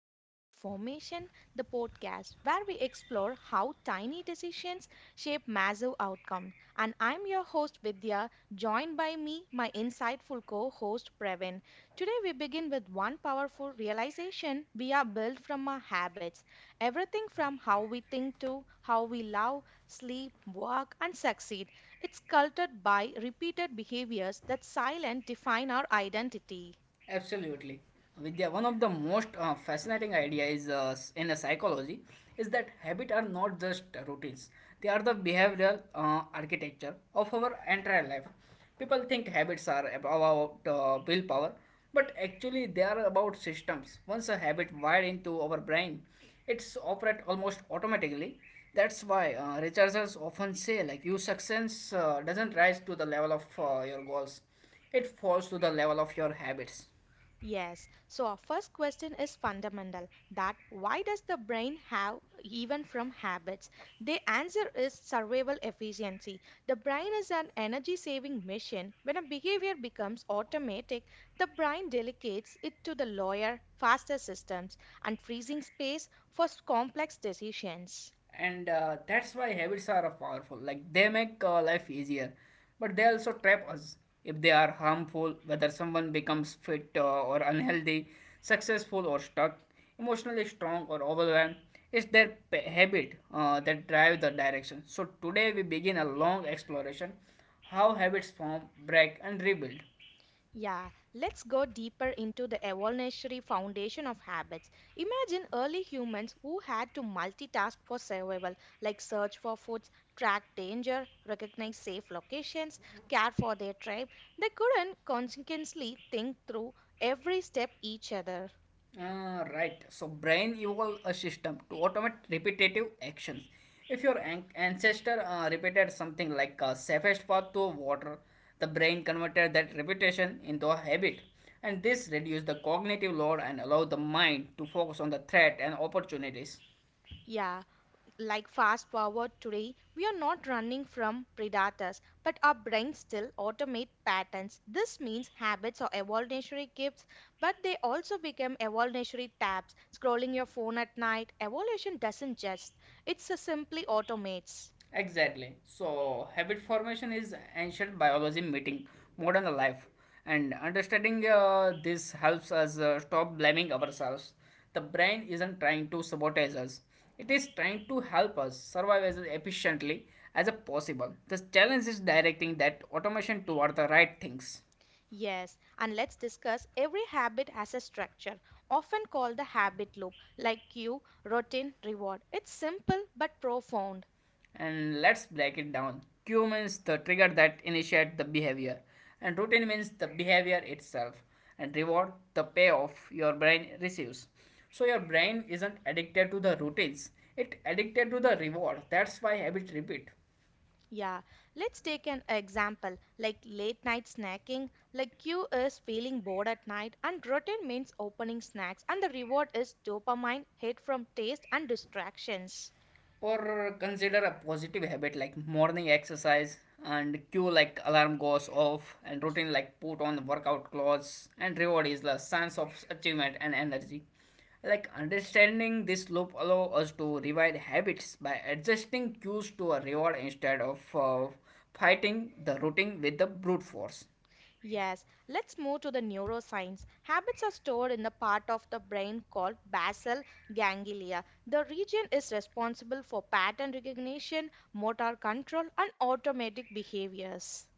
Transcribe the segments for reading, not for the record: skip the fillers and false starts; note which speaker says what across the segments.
Speaker 1: of Habit Formation, the podcast where we explore how tiny decisions shape massive outcomes. And I'm your host Vidya, joined by me, my insightful co-host Previn. Today we begin with one powerful realization: we are built from our habits. Everything from how we think to how we love, sleep, work, and succeed. It's cultured by repeated behaviors that silent define our identity.
Speaker 2: Absolutely. Vidya, one of the most fascinating idea is in a psychology is that habit are not just routines. They are the behavioral architecture of our entire life. People think habits are about willpower, but actually they are about systems. Once a habit wired into our brain, it's operate almost automatically. That's why researchers often say like your success doesn't rise to the level of your goals, it falls to the level of your habits.
Speaker 1: Yes. So our first question is fundamental: that why does the brain have even from habits? The answer is survival efficiency. The brain is an energy saving machine. When a behavior becomes automatic, the brain delegates it to the lower, faster systems and freezing space for complex decisions.
Speaker 2: And that's why habits are powerful, like they make life easier, but they also trap us if they are harmful. Whether someone becomes fit or unhealthy, successful or stuck, emotionally strong or overwhelmed, it's their habit that drive the direction. So today we begin a long exploration: how habits form, break and rebuild.
Speaker 1: Yeah, let's go deeper into the evolutionary foundation of habits. Imagine early humans who had to multitask for survival, like search for foods, track danger, recognize safe locations, care for their tribe. They couldn't consequently think through every step each other.
Speaker 2: Ah, right. So brain evolved a system to automate repetitive actions. If your ancestor repeated something like safest path to water, the brain converted that repetition into a habit, and this reduced the cognitive load and allowed the mind to focus on the threat and opportunities.
Speaker 1: Yeah, like fast forward today, we are not running from predators, but our brains still automate patterns. This means habits are evolutionary gifts, but they also become evolutionary tabs. Scrolling your phone at night, evolution doesn't just, it simply automates.
Speaker 2: Exactly. So, habit formation is ancient biology meeting modern life, and understanding this helps us stop blaming ourselves. The brain isn't trying to sabotage us; it is trying to help us survive as efficiently as possible. The challenge is directing that automation toward the right things.
Speaker 1: Yes, and let's discuss every habit has a structure, often called the habit loop, like cue, routine, reward. It's simple but profound.
Speaker 2: And let's break it down. Cue means the trigger that initiates the behavior, and routine means the behavior itself, and reward the payoff your brain receives. So your brain isn't addicted to the routines, it addicted to the reward. That's why habit repeat.
Speaker 1: Yeah, let's take an example like late night snacking. Like Q is feeling bored at night, and routine means opening snacks, and the reward is dopamine hit from taste and distractions.
Speaker 2: Or consider a positive habit like morning exercise, and cue like alarm goes off, and routine like put on workout clothes, and reward is the sense of achievement and energy. Like understanding this loop allow us to revive habits by adjusting cues to a reward instead of fighting the routine with the brute force.
Speaker 1: Yes, let's move to the neuroscience. Habits are stored in the part of the brain called basal ganglia. The region is responsible for pattern recognition, motor control, and automatic behaviors.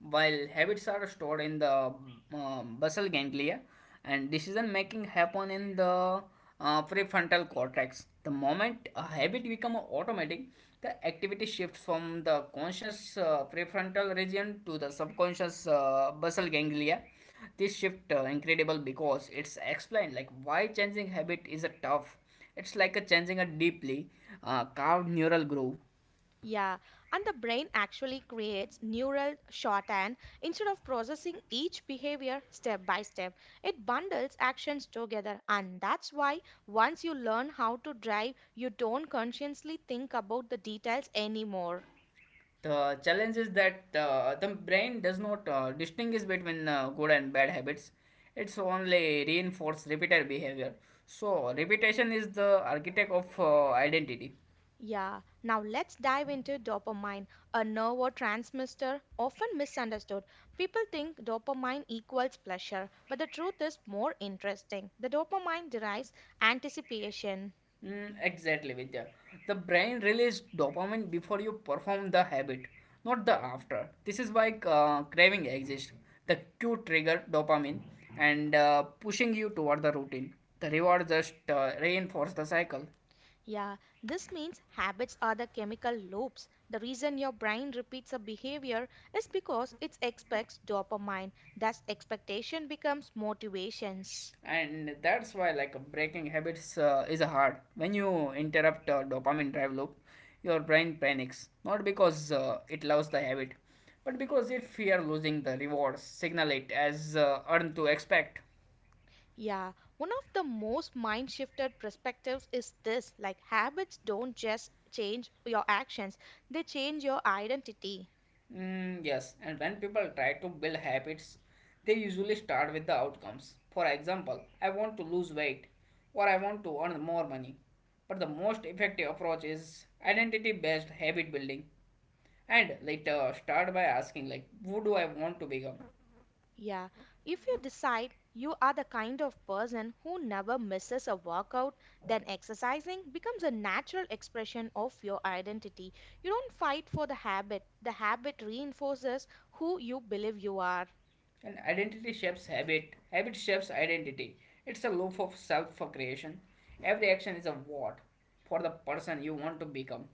Speaker 2: While habits are stored in the basal ganglia, and decision making happen in the prefrontal cortex. The moment a habit becomes automatic, the activity shifts from the conscious prefrontal region to the subconscious basal ganglia. This shift incredible because it's explained like why changing habit is a tough. It's like a changing a deeply carved neural groove.
Speaker 1: Yeah, and the brain actually creates neural shorthand instead of processing each behavior step by step. It bundles actions together, and that's why once you learn how to drive, you don't consciously think about the details anymore.
Speaker 2: The challenge is that the brain does not distinguish between good and bad habits. It's only reinforce repeated behavior. So repetition is the architect of identity.
Speaker 1: Yeah, now let's dive into dopamine, a neurotransmitter often misunderstood. People think dopamine equals pleasure, but the truth is more interesting. The dopamine derives anticipation.
Speaker 2: Mm, exactly, Vidya. The brain releases dopamine before you perform the habit, not the after. This is why craving exists. The cue trigger dopamine, and pushing you toward the routine. The reward just reinforces the cycle.
Speaker 1: Yeah, this means habits are the chemical loops. The reason your brain repeats a behavior is because it expects dopamine. Thus, expectation becomes motivations.
Speaker 2: And that's why, like, breaking habits is hard. When you interrupt a dopamine drive loop, your brain panics, not because it loves the habit, but because it fear losing the rewards signal it as earn to expect.
Speaker 1: Yeah, one of the most mind shifted perspectives is this: like habits don't just change your actions, they change your identity.
Speaker 2: Mm, yes, and when people try to build habits, they usually start with the outcomes. For example, I want to lose weight or I want to earn more money. But the most effective approach is identity based habit building. And later, start by asking, like, who do I want to become?
Speaker 1: Yeah, if you decide you are the kind of person who never misses a workout, then exercising becomes a natural expression of your identity. You don't fight for the habit reinforces who you believe you are.
Speaker 2: And identity shapes habit, habit shapes identity. It's a loop of self creation. Every action is a what for the person you want to become.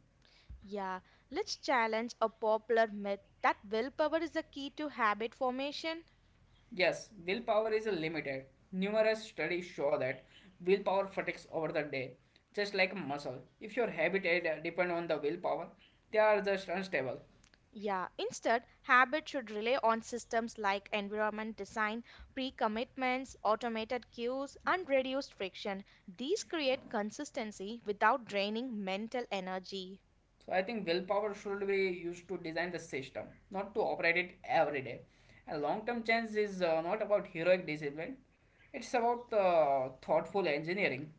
Speaker 1: Yeah, let's challenge a popular myth that willpower is the key to habit formation.
Speaker 2: Yes, willpower is limited. Numerous studies show that willpower fatigues over the day, just like a muscle. If your habit depend on the willpower, they are just unstable.
Speaker 1: Yeah, instead, habit should rely on systems like environment design, pre commitments, automated cues, and reduced friction. These create consistency without draining mental energy.
Speaker 2: So I think willpower should be used to design the system, not to operate it every day. A long-term change is not about heroic discipline; it's about thoughtful engineering.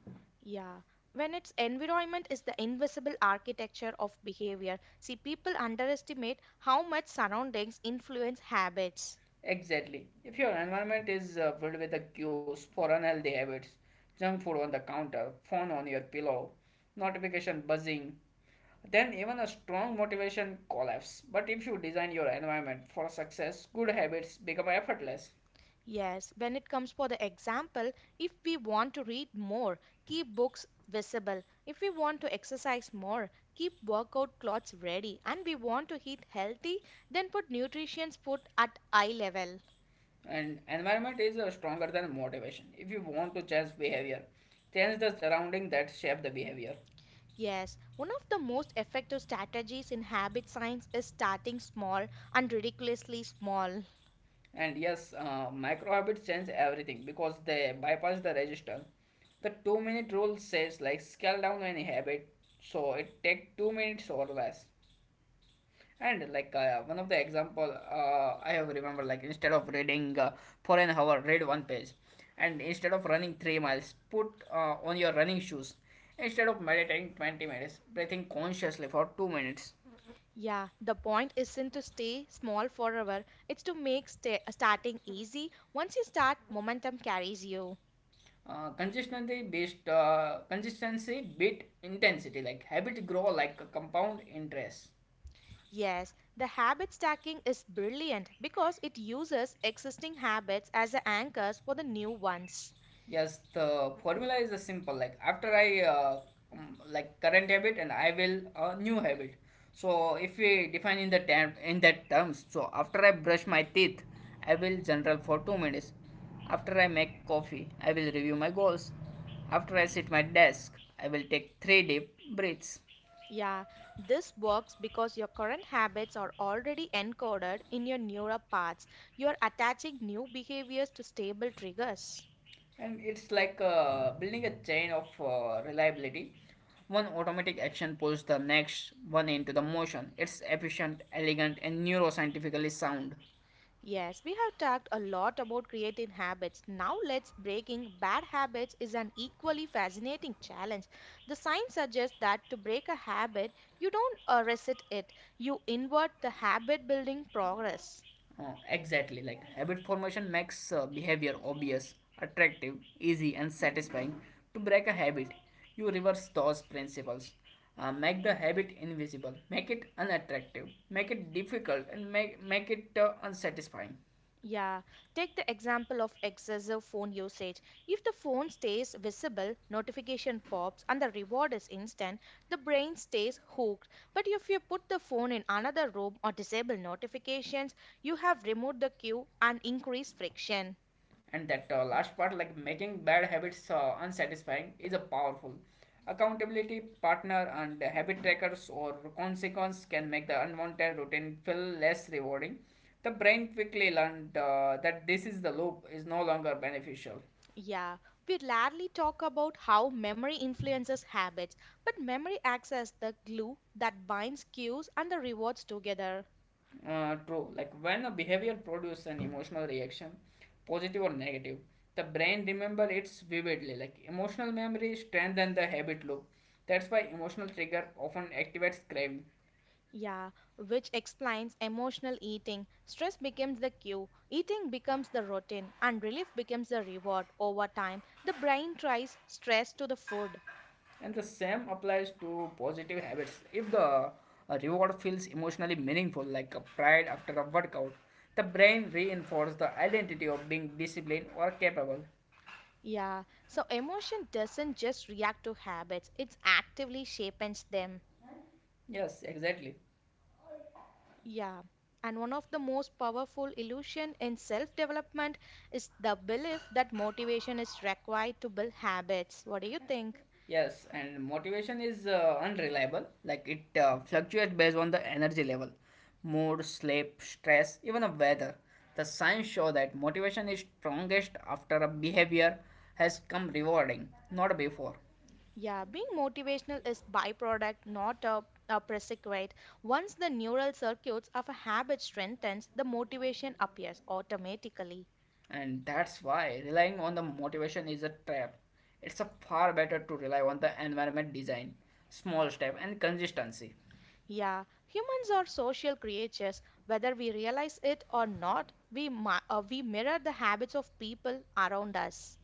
Speaker 1: Yeah, when its environment is the invisible architecture of behavior. See, people underestimate how much surroundings influence habits.
Speaker 2: Exactly. If your environment is filled with the cues for unhealthy habits, junk food on the counter, phone on your pillow, notification buzzing, then even a strong motivation collapse. But if you design your environment for success, good habits become effortless.
Speaker 1: Yes, when it comes for the example, if we want to read more, keep books visible. If we want to exercise more, keep workout clothes ready. And we want to eat healthy, then put nutrition's food at eye level.
Speaker 2: And environment is stronger than motivation. If you want to change behavior, change the surrounding that shape the behavior.
Speaker 1: Yes, one of the most effective strategies in habit science is starting small, and ridiculously small.
Speaker 2: And yes, micro habits change everything because they bypass the register. The 2-minute rule says, like, scale down any habit, so it take 2 minutes or less. And like one of the example I have remembered, like instead of reading for an hour, read one page, and instead of running 3 miles, put on your running shoes. Instead of meditating 20 minutes, breathing consciously for 2 minutes.
Speaker 1: Yeah, the point isn't to stay small forever, it's to make starting easy. Once you start, momentum carries you.
Speaker 2: Consistency beat intensity, like habit grow like a compound interest.
Speaker 1: Yes, the habit stacking is brilliant because it uses existing habits as the anchors for the new ones.
Speaker 2: Yes, the formula is a simple, like after I like current habit, and I will a new habit. So if we define in the term in that terms, so after I brush my teeth, I will general for 2 minutes. After I make coffee, I will review my goals. After I sit my desk, I will take 3 deep breaths.
Speaker 1: Yeah, this works because your current habits are already encoded in your neural paths. You are attaching new behaviors to stable triggers.
Speaker 2: And it's like building a chain of reliability. One automatic action pulls the next one into the motion. It's efficient, elegant and neuroscientifically sound.
Speaker 1: Yes, we have talked a lot about creating habits. Now let's breaking bad habits is an equally fascinating challenge. The science suggests that to break a habit, you don't reset it. You invert the habit building progress.
Speaker 2: Exactly, like habit formation makes behavior obvious, attractive, easy and satisfying. To break a habit, you reverse those principles. Make the habit invisible, make it unattractive, make it difficult, and make it unsatisfying.
Speaker 1: Yeah, take the example of excessive phone usage. If the phone stays visible, notification pops, and the reward is instant, the brain stays hooked. But if you put the phone in another room or disable notifications, you have removed the cue and increased friction.
Speaker 2: And that last part, like making bad habits unsatisfying, is a powerful. Accountability partner and habit trackers or consequence can make the unwanted routine feel less rewarding. The brain quickly learned that this is the loop is no longer beneficial.
Speaker 1: Yeah, we rarely talk about how memory influences habits, but memory acts as the glue that binds cues and the rewards together.
Speaker 2: True, like when a behavior produces an emotional reaction, positive or negative, the brain remember it vividly. Like emotional memory strengthens the habit loop. That's why emotional trigger often activates craving.
Speaker 1: Yeah, which explains emotional eating. Stress becomes the cue, eating becomes the routine, and relief becomes the reward. Over time, the brain tries stress to the food.
Speaker 2: And the same applies to positive habits. If the reward feels emotionally meaningful, like a pride after a workout, the brain reinforces the identity of being disciplined or capable.
Speaker 1: Yeah, so emotion doesn't just react to habits, it actively shapes them.
Speaker 2: Yes, exactly.
Speaker 1: Yeah, and one of the most powerful illusion in self-development is the belief that motivation is required to build habits. What do you think?
Speaker 2: Yes, and motivation is unreliable, like it fluctuates based on the energy level, mood, sleep, stress, even the weather. The science show that motivation is strongest after a behavior has come rewarding, not before.
Speaker 1: Yeah, being motivational is byproduct, not a, a prerequisite. Once the neural circuits of a habit strengthens, the motivation appears automatically.
Speaker 2: And that's why relying on the motivation is a trap. It's a far better to rely on the environment design, small step, and consistency.
Speaker 1: Yeah, humans are social creatures. Whether we realize it or not, we mirror the habits of people around us.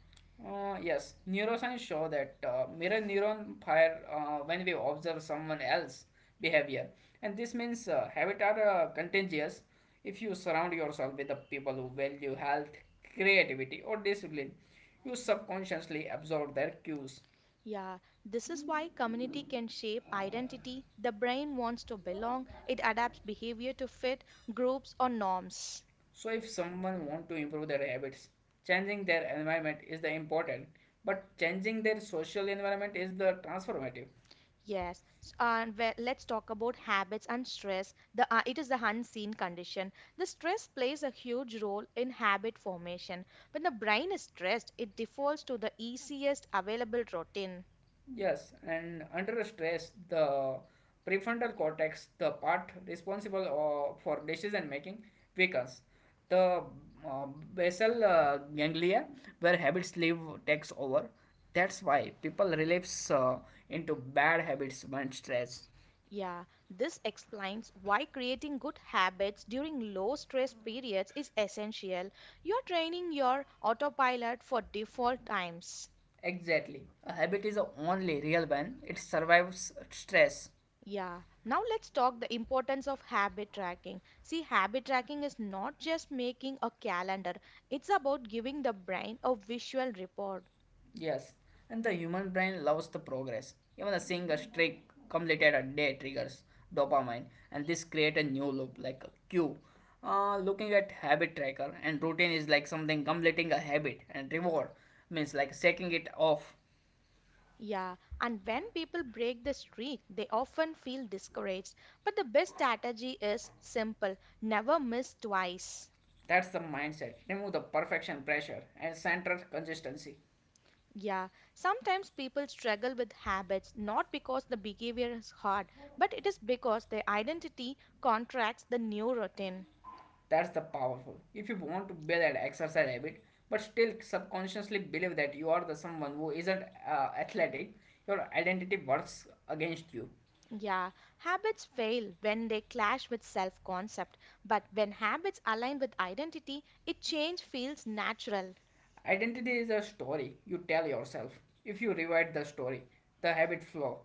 Speaker 2: Yes, neuroscience show that mirror neuron fire when we observe someone else behavior, and this means habits are contagious. If you surround yourself with the people who value health, creativity, or discipline, you subconsciously absorb their cues.
Speaker 1: Yeah, this is why community can shape identity. The brain wants to belong. It adapts behavior to fit groups or norms.
Speaker 2: So if someone want to improve their habits, changing their environment is the important, but changing their social environment is the transformative.
Speaker 1: Yes, let's talk about habits and stress. The it is the unseen condition. The stress plays a huge role in habit formation. When the brain is stressed, it defaults to the easiest available routine.
Speaker 2: Yes, and under stress, the prefrontal cortex, the part responsible for decision making, weakens. The uh, basal ganglia, where habits live, takes over. That's why people relapse into bad habits when stressed.
Speaker 1: Yeah, this explains why creating good habits during low stress periods is essential. You're training your autopilot for default times.
Speaker 2: Exactly. A habit is the only real one. It survives stress.
Speaker 1: Yeah, now let's talk the importance of habit tracking. See, habit tracking is not just making a calendar, it's about giving the brain a visual report.
Speaker 2: Yes. And the human brain loves the progress. Even a single streak completed a day triggers dopamine, and this create a new loop like a cue. Looking at habit tracker and routine is like something completing a habit, and reward means like shaking it off.
Speaker 1: Yeah, and when people break the streak, they often feel discouraged. But the best strategy is simple: never miss twice.
Speaker 2: That's the mindset. Remove the perfection pressure and center consistency.
Speaker 1: Yeah, sometimes people struggle with habits not because the behavior is hard, but it is because their identity contracts the new routine.
Speaker 2: That's the powerful. If you want to build an exercise habit, but still subconsciously believe that you are the someone who isn't athletic, your identity works against you.
Speaker 1: Yeah, habits fail when they clash with self concept, but when habits align with identity, it change feels natural.
Speaker 2: Identity is a story you tell yourself. If you rewrite the story, the habit flow.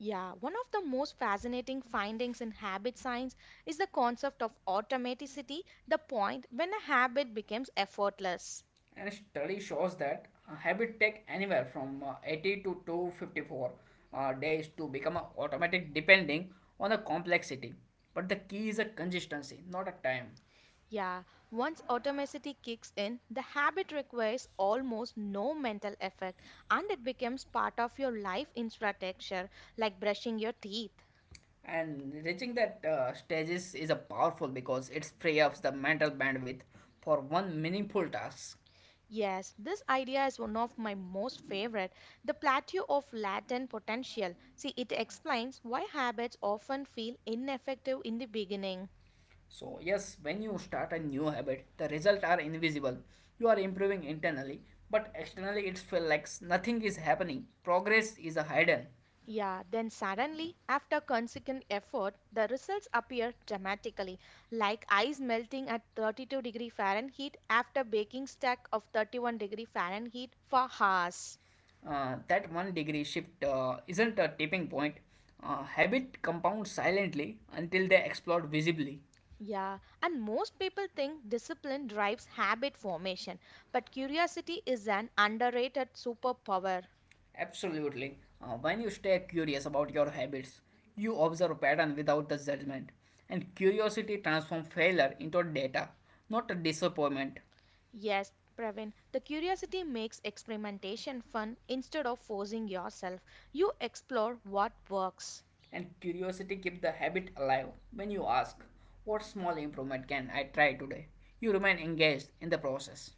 Speaker 1: Yeah, one of the most fascinating findings in habit science is the concept of automaticity, the point when a habit becomes effortless.
Speaker 2: And study shows that a habit take anywhere from 80 to 254 days to become a automatic depending on the complexity. But the key is a consistency, not a time.
Speaker 1: Yeah, once automaticity kicks in, the habit requires almost no mental effort and it becomes part of your life infrastructure, like brushing your teeth.
Speaker 2: And reaching that stages is a powerful because it free ups the mental bandwidth for one meaningful task.
Speaker 1: Yes, this idea is one of my most favorite, the plateau of latent potential. See, it explains why habits often feel ineffective in the beginning.
Speaker 2: So yes, when you start a new habit, the results are invisible. You are improving internally, but externally it feels like nothing is happening. Progress is a hidden.
Speaker 1: Yeah, then suddenly, after consequent effort, the results appear dramatically, like ice melting at 32-degree Fahrenheit after baking stack of 31-degree Fahrenheit for hours.
Speaker 2: That one degree shift isn't a tipping point. Habit compounds silently until they explode visibly.
Speaker 1: Yeah, and most people think discipline drives habit formation, but curiosity is an underrated superpower.
Speaker 2: Absolutely. When you stay curious about your habits, you observe a pattern without the judgment, and curiosity transforms failure into data, not a disappointment.
Speaker 1: Yes, Praveen, the curiosity makes experimentation fun instead of forcing yourself. You explore what works.
Speaker 2: And curiosity keeps the habit alive. When you ask, "What small improvement can I try today?" you remain engaged in the process.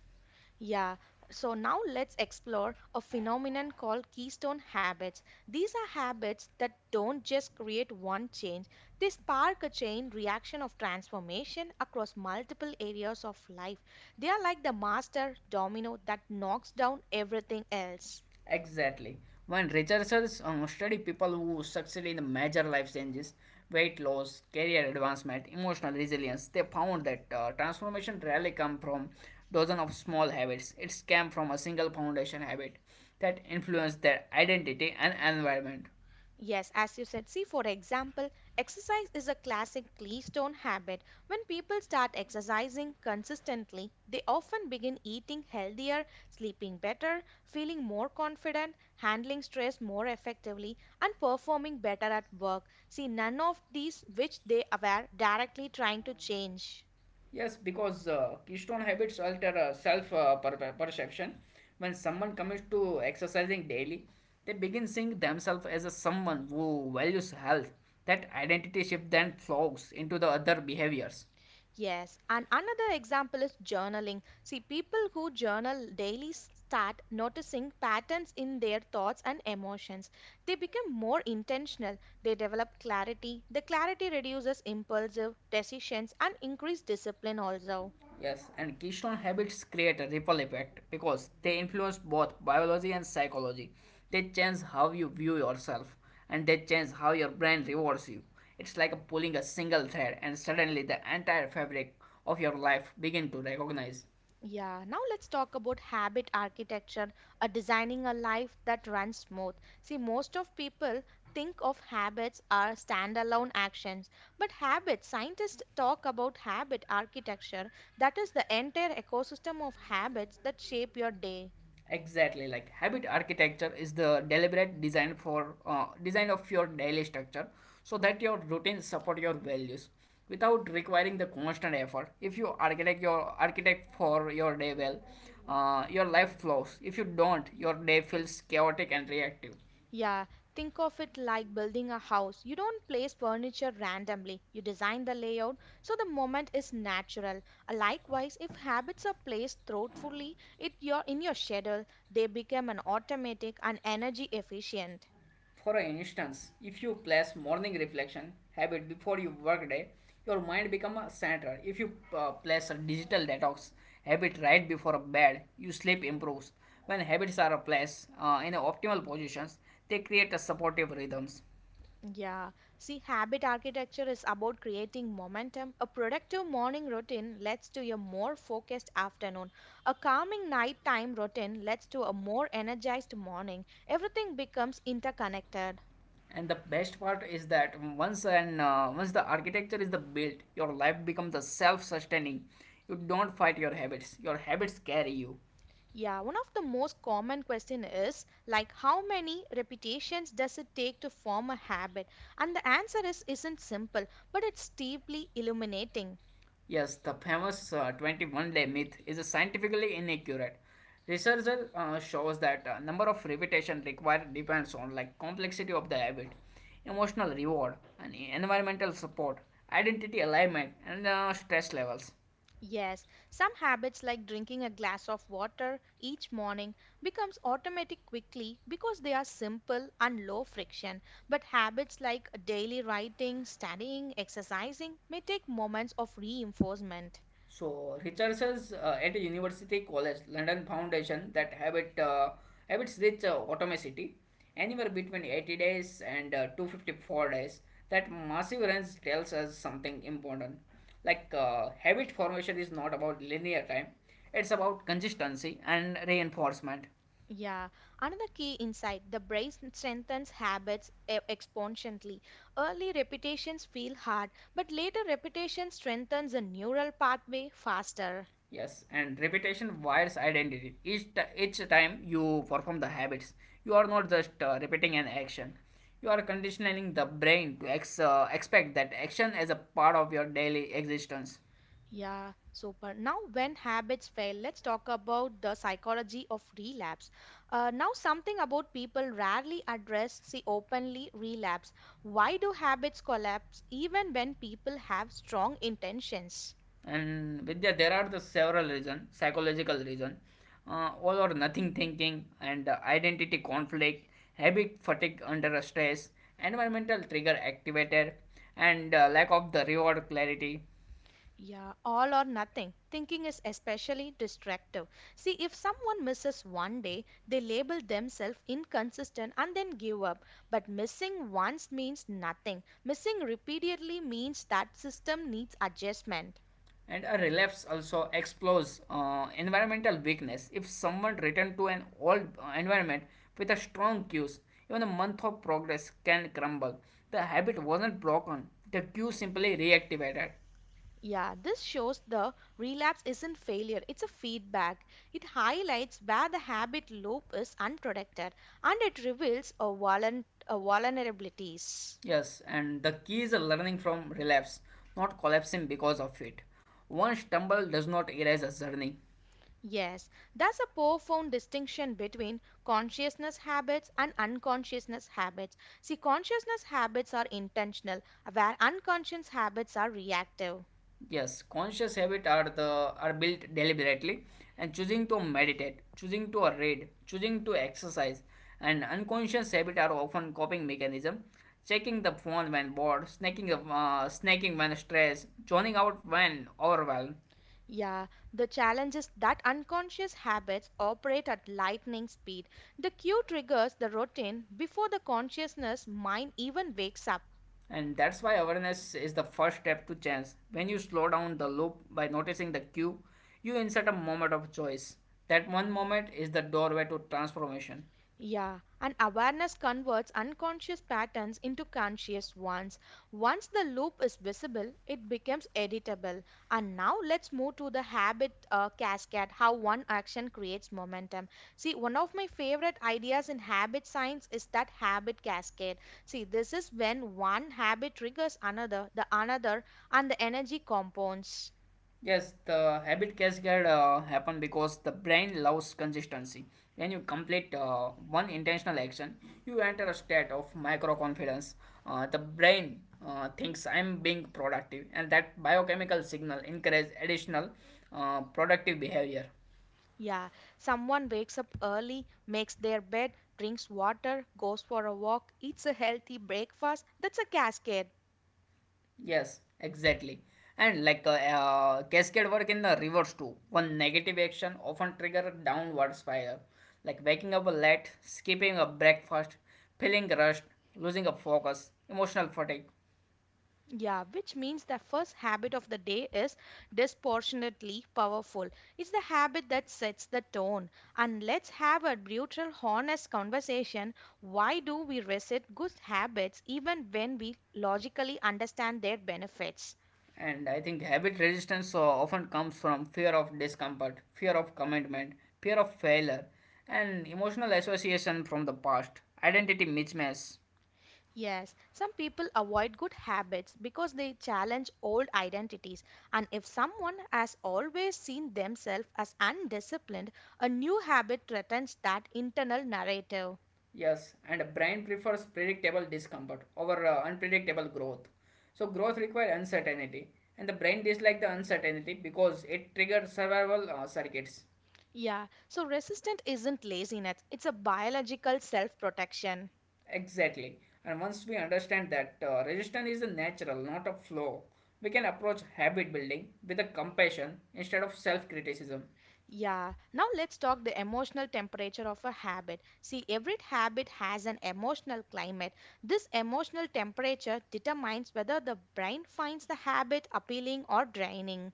Speaker 1: Yeah, so now let's explore a phenomenon called keystone habits. These are habits that don't just create one change, they spark a chain reaction of transformation across multiple areas of life. They are like the master domino that knocks down everything else.
Speaker 2: Exactly. When researchers study people who succeed in major life changes, weight loss, career advancement, emotional resilience, they found that transformation rarely come from dozens of small habits. It came from a single foundation habit that influenced their identity and environment.
Speaker 1: Yes, as you said, see, for example, exercise is a classic keystone habit. When people start exercising consistently, they often begin eating healthier, sleeping better, feeling more confident, handling stress more effectively, and performing better at work. See, none of these which they were directly trying to change.
Speaker 2: Yes, because keystone habits alter self perception. When someone commits to exercising daily, they begin seeing themselves as a someone who values health. That identity shift then flows into the other behaviors.
Speaker 1: Yes, and another example is journaling. See, people who journal daily start noticing patterns in their thoughts and emotions. They become more intentional. They develop clarity. The clarity reduces impulsive decisions and increase discipline also.
Speaker 2: Yes, and keystone habits create a ripple effect because they influence both biology and psychology. They change how you view yourself, and they change how your brain rewards you. It's like pulling a single thread and suddenly the entire fabric of your life begin to recognize.
Speaker 1: Yeah, now let's talk about habit architecture, a designing a life that runs smooth. See, most of people think of habits as standalone actions, but habits, scientists talk about habit architecture, that is the entire ecosystem of habits that shape your day.
Speaker 2: Exactly. Like habit architecture is the deliberate design for design of your daily structure so that your routines support your values without requiring the constant effort. If you architect your architect for your day well, your life flows. If you don't, your day feels chaotic and reactive.
Speaker 1: Yeah, think of it like building a house. You don't place furniture randomly. You design the layout so the moment is natural. Likewise, if habits are placed thoughtfully it your in your schedule, they become an automatic and energy efficient.
Speaker 2: For instance, if you place morning reflection habit before your workday, your mind become a center. If you place a digital detox habit right before bed, your sleep improves. When habits are placed in the optimal positions, they create a supportive rhythms.
Speaker 1: Yeah. See, habit architecture is about creating momentum. A productive morning routine leads to a more focused afternoon. A calming nighttime routine leads to a more energized morning. Everything becomes interconnected.
Speaker 2: And the best part is that once the architecture is the built, your life becomes the self-sustaining. You don't fight your habits carry you.
Speaker 1: Yeah, one of the most common question is like how many repetitions does it take to form a habit? And the answer is isn't simple, but it's deeply illuminating.
Speaker 2: Yes, the famous 21-day myth is scientifically inaccurate. Research shows that number of repetition required depends on like complexity of the habit, emotional reward, and environmental support, identity alignment, and stress levels.
Speaker 1: Yes, some habits like drinking a glass of water each morning becomes automatic quickly because they are simple and low friction. But habits like daily writing, studying, exercising may take moments of reinforcement.
Speaker 2: So researchers at University College London Foundation that habits reach automaticity anywhere between 80 days and 254 days. That massive range tells us something important. Like habit formation is not about linear time; it's about consistency and reinforcement.
Speaker 1: Yeah, another key insight the brain strengthens habits exponentially. Early repetitions feel hard, but later repetition strengthens the neural pathway faster.
Speaker 2: Yes, and repetition wires identity. Each time you perform the habits, you are not just repeating an action. You are conditioning the brain to expect that action as a part of your daily existence.
Speaker 1: Yeah, super. Now, when habits fail, let's talk about the psychology of relapse. Now, something about people rarely address, see openly relapse. Why do habits collapse even when people have strong intentions?
Speaker 2: And Vidya, there are the several reasons, psychological reason, all or nothing thinking, and identity conflict, habit fatigue under a stress, environmental trigger activated, and lack of the reward clarity.
Speaker 1: Yeah, all or nothing. Thinking is especially destructive. See, if someone misses one day, they label themselves inconsistent and then give up. But missing once means nothing. Missing repeatedly means that system needs adjustment.
Speaker 2: And a relapse also explores environmental weakness. If someone returns to an old environment with a strong cues, even a month of progress can crumble. The habit wasn't broken, the cue simply reactivated.
Speaker 1: Yeah, this shows the relapse isn't failure, it's a feedback. It highlights where the habit loop is unprotected and it reveals a vulnerabilities.
Speaker 2: Yes, and the key is learning from relapse, not collapsing because of it. One stumble does not erase a journey.
Speaker 1: Yes, that's a profound distinction between consciousness habits and unconsciousness habits. See, consciousness habits are intentional, where unconscious habits are reactive.
Speaker 2: Yes, conscious habits are the are built deliberately and choosing to meditate, choosing to read, choosing to exercise, and unconscious habits are often coping mechanism, checking the phone when bored, snacking when stressed, zoning out when overwhelmed.
Speaker 1: Yeah, the challenge is that unconscious habits operate at lightning speed. The cue triggers the routine before the consciousness mind even wakes up.
Speaker 2: And that's why awareness is the first step to change. When you slow down the loop by noticing the cue, you insert a moment of choice. That one moment is the doorway to transformation.
Speaker 1: Yeah, and awareness converts unconscious patterns into conscious ones. Once the loop is visible, it becomes editable. And now let's move to the habit cascade, how one action creates momentum. See, one of my favorite ideas in habit science is that habit cascade. See, this is when one habit triggers another, the another, and the energy compounds.
Speaker 2: Yes, the habit cascade happen because the brain loves consistency. When you complete one intentional action, you enter a state of micro confidence. The brain thinks I'm being productive, and that biochemical signal encourages additional productive behavior.
Speaker 1: Yeah, someone wakes up early, makes their bed, drinks water, goes for a walk, eats a healthy breakfast. That's a cascade.
Speaker 2: Yes, exactly. And like cascade work in the reverse too. One negative action often trigger a downward spiral, like waking up late, skipping a breakfast, feeling rushed, losing a focus, emotional fatigue.
Speaker 1: Yeah, which means the first habit of the day is disproportionately powerful. It's the habit that sets the tone. And let's have a brutal, honest conversation. Why do we resist good habits even when we logically understand their benefits?
Speaker 2: And I think habit resistance often comes from fear of discomfort, fear of commitment, fear of failure, and emotional association from the past, identity mismatch.
Speaker 1: Yes, some people avoid good habits because they challenge old identities. And if someone has always seen themselves as undisciplined, a new habit threatens that internal narrative.
Speaker 2: Yes, and brain prefers predictable discomfort over unpredictable growth. So growth requires uncertainty, and the brain dislikes the uncertainty because it triggers survival circuits.
Speaker 1: Yeah, so resistance isn't laziness, it's a biological self protection.
Speaker 2: Exactly. And once we understand that resistance is a natural, not a flaw, we can approach habit building with a compassion instead of self-criticism.
Speaker 1: Yeah, now let's talk the emotional temperature of a habit. See, every habit has an emotional climate. This emotional temperature determines whether the brain finds the habit appealing or draining.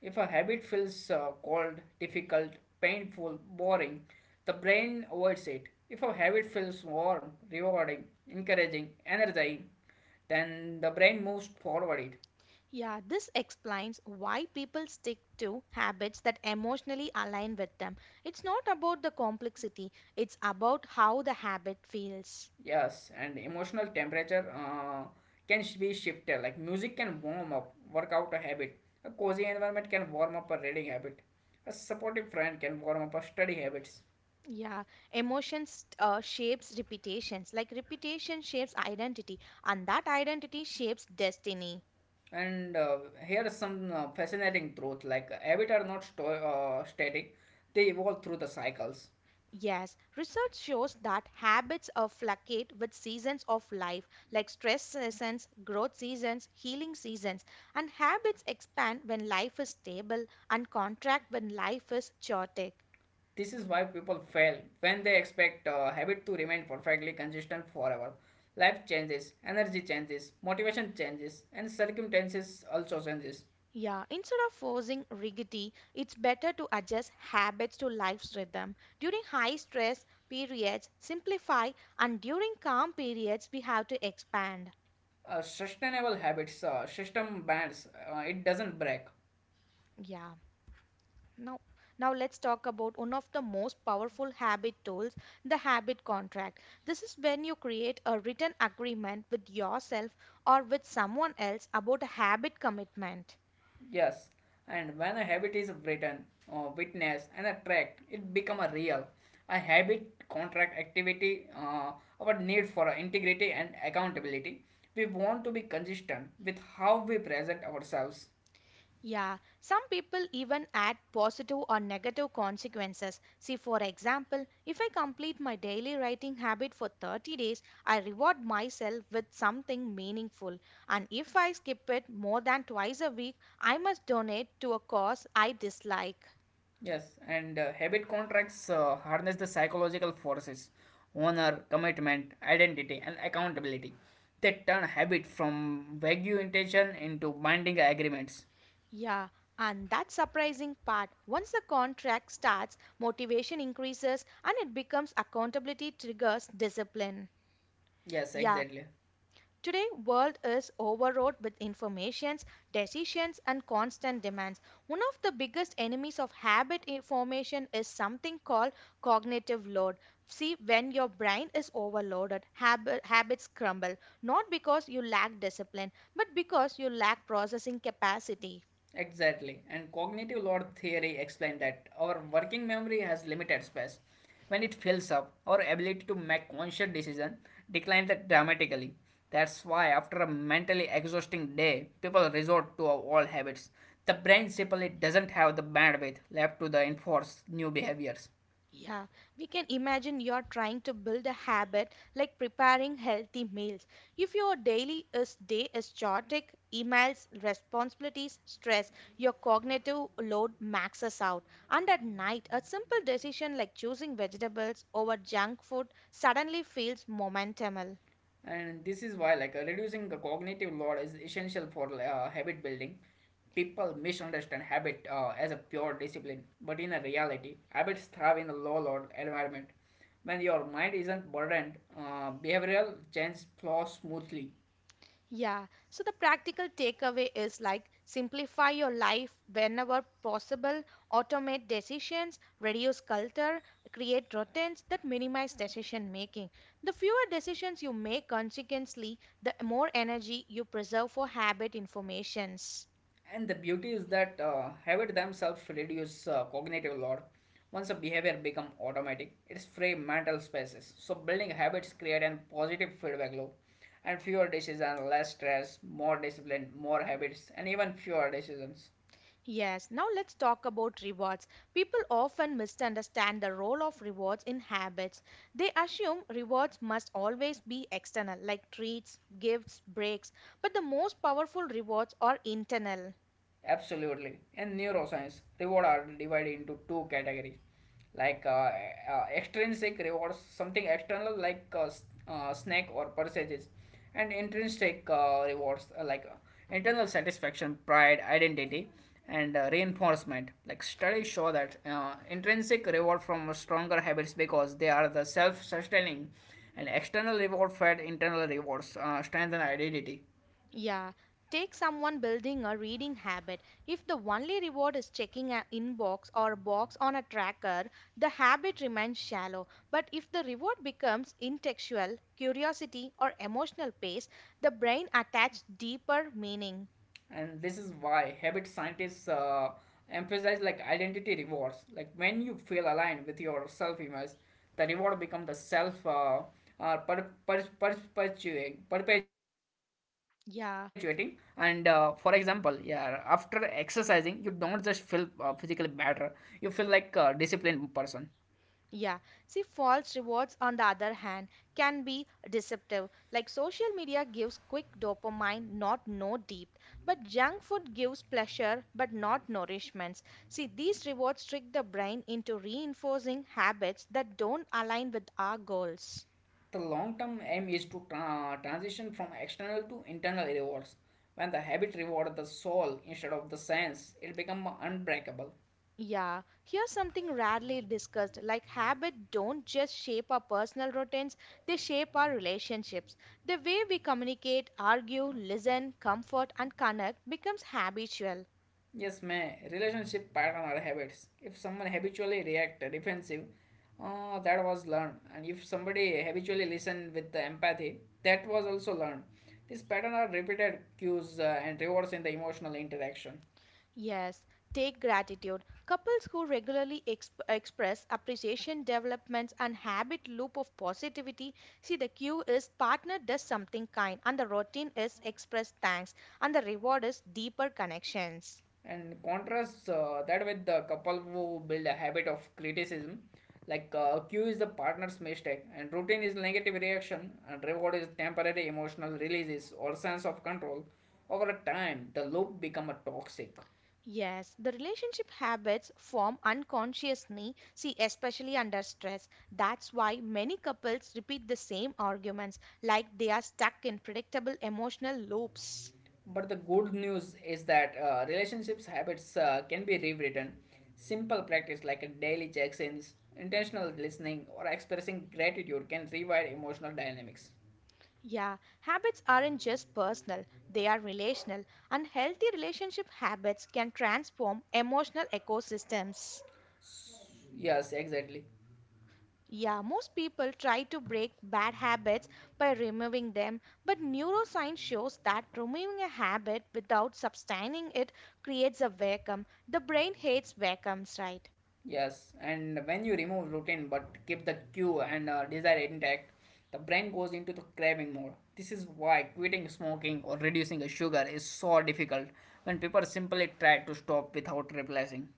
Speaker 2: If a habit feels cold, difficult, painful, boring, the brain avoids it. If a habit feels warm, rewarding, encouraging, energizing, then the brain moves forward it.
Speaker 1: Yeah, this explains why people stick to habits that emotionally align with them. It's not about the complexity, it's about how the habit feels.
Speaker 2: Yes, and emotional temperature can be shifted. Like music can warm up, work out a habit. A cozy environment can warm up a reading habit. A supportive friend can warm up a study habits.
Speaker 1: Yeah, emotions shapes reputations, like reputation shapes identity, and that identity shapes destiny.
Speaker 2: And Here is some fascinating truth like habits are not static, they evolve through the cycles.
Speaker 1: Yes, research shows that habits fluctuate with seasons of life, like stress seasons, growth seasons, healing seasons, and habits expand when life is stable and contract when life is chaotic.
Speaker 2: This is why people fail when they expect habit to remain perfectly consistent forever. Life changes, energy changes, motivation changes, and circumstances also changes.
Speaker 1: Yeah, instead of forcing rigidity, it's better to adjust habits to life's rhythm. During high stress periods, simplify, and during calm periods, we have to expand.
Speaker 2: A sustainable habits system bends, it doesn't break.
Speaker 1: Yeah. Now, now let's talk about one of the most powerful habit tools, the habit contract. This is when you create a written agreement with yourself or with someone else about a habit commitment.
Speaker 2: Yes, and when a habit is written, witnessed, and a tracked, it become a real. A habit, contract, activity, our need for integrity and accountability. We want to be consistent with how we present ourselves.
Speaker 1: Yeah, some people even add positive or negative consequences. See, for example, if I complete my daily writing habit for 30 days, I reward myself with something meaningful. And if I skip it more than twice a week, I must donate to a cause I dislike.
Speaker 2: Yes, and habit contracts harness the psychological forces, honor, commitment, identity, and accountability. They turn habit from vague intention into binding agreements.
Speaker 1: Yeah, and that surprising part. Once the contract starts, motivation increases and it becomes accountability triggers discipline.
Speaker 2: Yes,
Speaker 1: Yeah,
Speaker 2: exactly.
Speaker 1: today world is overloaded with informations, decisions and constant demands. One of the biggest enemies of habit formation is something called cognitive load. See, when your brain is overloaded, habits crumble, not because you lack discipline, but because you lack processing capacity.
Speaker 2: Exactly. And cognitive load theory explained that our working memory has limited space. When it fills up, our ability to make conscious decision declines dramatically. That's why after a mentally exhausting day, people resort to our old habits. The brain simply doesn't have the bandwidth left to the enforce new behaviors.
Speaker 1: Yeah, we can imagine you're trying to build a habit like preparing healthy meals. If your daily is day is chaotic, emails, responsibilities, stress, your cognitive load maxes out. And at night, a simple decision like choosing vegetables over junk food suddenly feels momentum.
Speaker 2: And this is why like reducing the cognitive load is essential for habit building. People misunderstand habit as a pure discipline, but in a reality habits thrive in a low load environment. When your mind isn't burdened, behavioral change flows smoothly.
Speaker 1: Yeah, so the practical takeaway is like simplify your life whenever possible, automate decisions, reduce clutter, create routines that minimize decision making. The fewer decisions you make, consequently, the more energy you preserve for habit informations.
Speaker 2: And the beauty is that habits themselves reduce cognitive load. Once a behavior becomes automatic, it's free mental spaces. So building habits create a positive feedback loop, and fewer decisions, less stress, more discipline, more habits, and even fewer decisions.
Speaker 1: Yes, now let's talk about rewards. People often misunderstand the role of rewards in habits. They assume rewards must always be external, like treats, gifts, breaks, but the most powerful rewards are internal.
Speaker 2: Absolutely. In neuroscience, reward are divided into two categories, like extrinsic rewards, something external like snack or purchases, and intrinsic rewards like internal satisfaction, pride, identity, and reinforcement. Like studies show that intrinsic reward from stronger habits because they are the self-sustaining, and external reward fed internal rewards strengthen identity.
Speaker 1: Yeah, take someone building a reading habit. If the only reward is checking an inbox or a box on a tracker, the habit remains shallow. But if the reward becomes intellectual, curiosity, or emotional pace, the brain attaches deeper meaning.
Speaker 2: And this is why habit scientists emphasize like identity rewards, like when you feel aligned with your self image, the reward become the self perpetuating. And For
Speaker 1: Yeah.
Speaker 2: example, yeah, after exercising you don't just feel physically better, you feel like a disciplined person.
Speaker 1: Yeah. See, false rewards, on the other hand, can be deceptive. Like social media gives quick dopamine, not no deep. But junk food gives pleasure, but not nourishments. See, these rewards trick the brain into reinforcing habits that don't align with our goals.
Speaker 2: The long term aim is to transition from external to internal rewards. When the habit reward the soul instead of the sense, it become unbreakable.
Speaker 1: Yeah, here's something rarely discussed like habit don't just shape our personal routines, they shape our relationships. The way we communicate, argue, listen, comfort, and connect becomes habitual.
Speaker 2: Yes, man. Relationship pattern or habits. If someone habitually react defensive, that was learned. And if somebody habitually listen with the empathy, that was also learned. These pattern are repeated cues and rewards in the emotional interaction.
Speaker 1: Yes, take gratitude. Couples who regularly express appreciation developments and habit loop of positivity, see the cue is partner does something kind and the routine is express thanks and the reward is deeper connections.
Speaker 2: And contrast that with the couple who build a habit of criticism, like cue is the partner's mistake, and routine is negative reaction, and reward is temporary emotional releases or sense of control. Over time, the loop become a toxic.
Speaker 1: Yes, the relationship habits form unconsciously, see, especially under stress. That's why many couples repeat the same arguments, like they are stuck in predictable emotional loops.
Speaker 2: But the good news is that relationships habits can be rewritten. Simple practice like a daily check-ins, intentional listening, or expressing gratitude can rewire emotional dynamics.
Speaker 1: Yeah, habits aren't just personal, they are relational, and healthy relationship habits can transform emotional ecosystems.
Speaker 2: S- Yes, exactly.
Speaker 1: Yeah, most people try to break bad habits by removing them, but neuroscience shows that removing a habit without sustaining it creates a vacuum. The brain hates vacuums, right?
Speaker 2: Yes, and when you remove routine but keep the cue and desire intact, the brain goes into the craving mode. This is why quitting smoking or reducing the sugar is so difficult when people simply try to stop without replacing.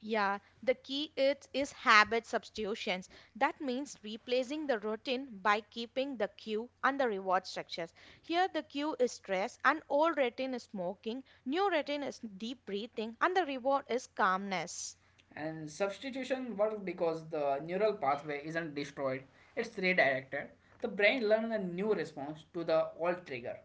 Speaker 1: Yeah, the key is habit substitutions. That means replacing the routine by keeping the cue and the reward structures. Here, the cue is stress, and old routine is smoking, new routine is deep breathing, and the reward is calmness.
Speaker 2: And substitution works because the neural pathway isn't destroyed, it's redirected. The brain learns a new response to the old trigger.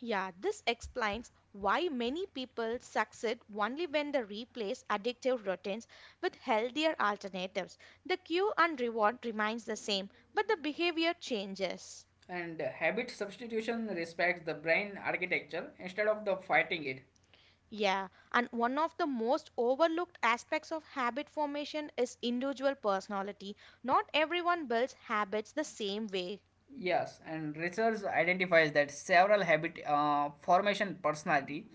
Speaker 1: Yeah, this explains why many people succeed only when they replace addictive routines with healthier alternatives. The cue and reward remains the same, but the behavior changes.
Speaker 2: And habit substitution respects the brain architecture instead of the fighting it.
Speaker 1: Yeah, and one of the most overlooked aspects of habit formation is individual personality. Not everyone builds habits the same way.
Speaker 2: Yes, and research identifies that several habit formation personality.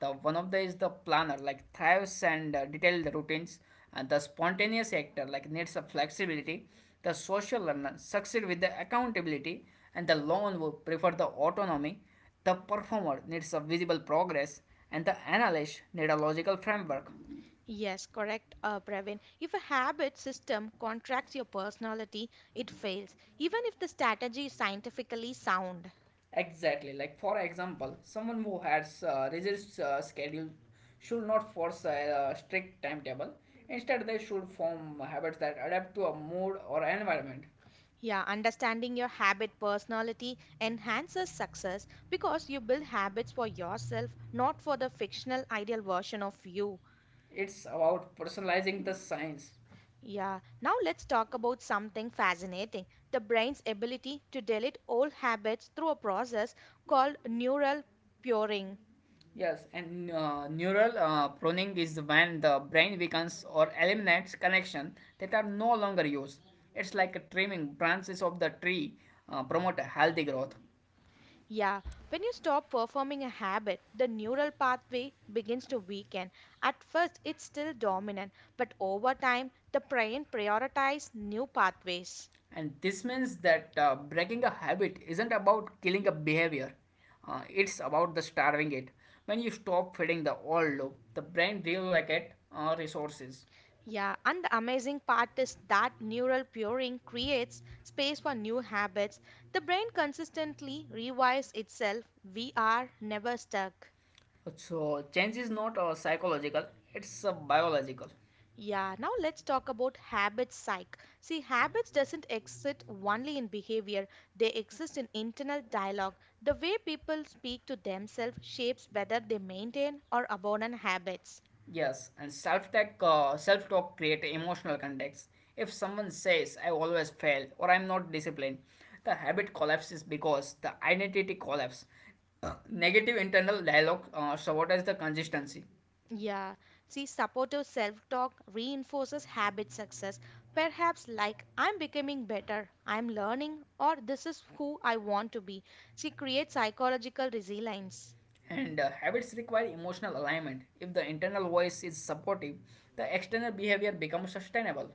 Speaker 2: The one of the is the planner, like thrives and detailed routines, and the spontaneous actor, like needs a flexibility. The social learner succeed with the accountability, and the lone would prefer the autonomy. The performer needs a visible progress, and the analyst need a logical framework.
Speaker 1: Yes, correct, Praveen. If a habit system contracts your personality, it fails, even if the strategy is scientifically sound.
Speaker 2: Exactly. Like for example, someone who has rigid schedule should not force a, strict timetable. Instead, they should form habits that adapt to a mood or environment.
Speaker 1: Yeah, understanding your habit personality enhances success because you build habits for yourself, not for the fictional ideal version of you.
Speaker 2: It's about personalizing the science.
Speaker 1: Yeah, now let's talk about something fascinating, the brain's ability to delete old habits through a process called neural puring.
Speaker 2: Yes, and neural pruning is when the brain weakens or eliminates connection that are no longer used. It's like trimming branches of the tree promote healthy growth.
Speaker 1: Yeah, when you stop performing a habit, the neural pathway begins to weaken. At first, it's still dominant, but over time, the brain prioritizes new pathways.
Speaker 2: And this means that breaking a habit isn't about killing a behavior, it's about the starving it. When you stop feeding the old loop, the brain reallocates resources.
Speaker 1: Yeah, and the amazing part is that neural purring creates space for new habits. The brain consistently rewires itself. We are never stuck.
Speaker 2: So, change is not psychological, it's biological.
Speaker 1: Yeah, now let's talk about habit psych. See, habits doesn't exist only in behavior. They exist in internal dialogue. The way people speak to themselves shapes whether they maintain or abandon habits.
Speaker 2: Yes, and self talk create emotional context. If someone says I always fail or I'm not disciplined, the habit collapses because the identity collapses. Negative internal dialogue sabotages the consistency.
Speaker 1: Yeah, see, supportive self-talk reinforces habit success. Perhaps like I'm becoming better, I'm learning, or this is who I want to be. She creates psychological resilience.
Speaker 2: And habits require emotional alignment. If the internal voice is supportive, the external behavior becomes sustainable.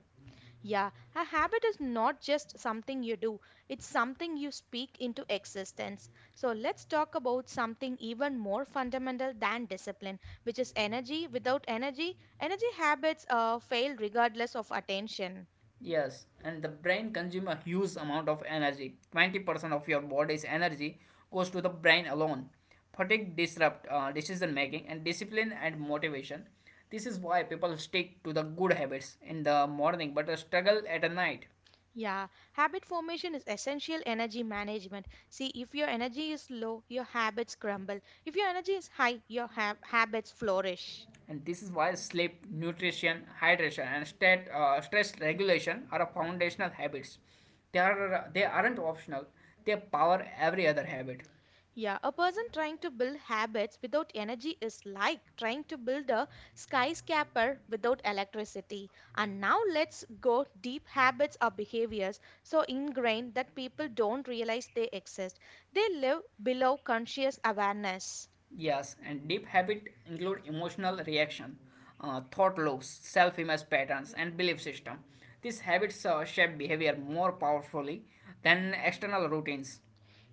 Speaker 1: Yeah, a habit is not just something you do, it's something you speak into existence. So let's talk about something even more fundamental than discipline, which is energy. Without energy, energy habits fail regardless of attention.
Speaker 2: Yes, and the brain consumes a huge amount of energy. 20% of your body's energy goes to the brain alone. Fatigue disrupt decision making and discipline and motivation. This is why people stick to the good habits in the morning but struggle at night.
Speaker 1: Yeah, habit formation is essential energy management. See, if your energy is low, your habits crumble. If your energy is high, your habits flourish.
Speaker 2: And this is why sleep, nutrition, hydration, and state, stress regulation are foundational habits. They aren't optional. They power every other habit.
Speaker 1: Yeah, a person trying to build habits without energy is like trying to build a skyscraper without electricity. And now let's go deep habits or behaviors so ingrained that people don't realize they exist. They live below conscious awareness.
Speaker 2: Yes, and deep habit include emotional reaction, thought loops, self-image patterns, and belief system. These habits shape behavior more powerfully than external routines.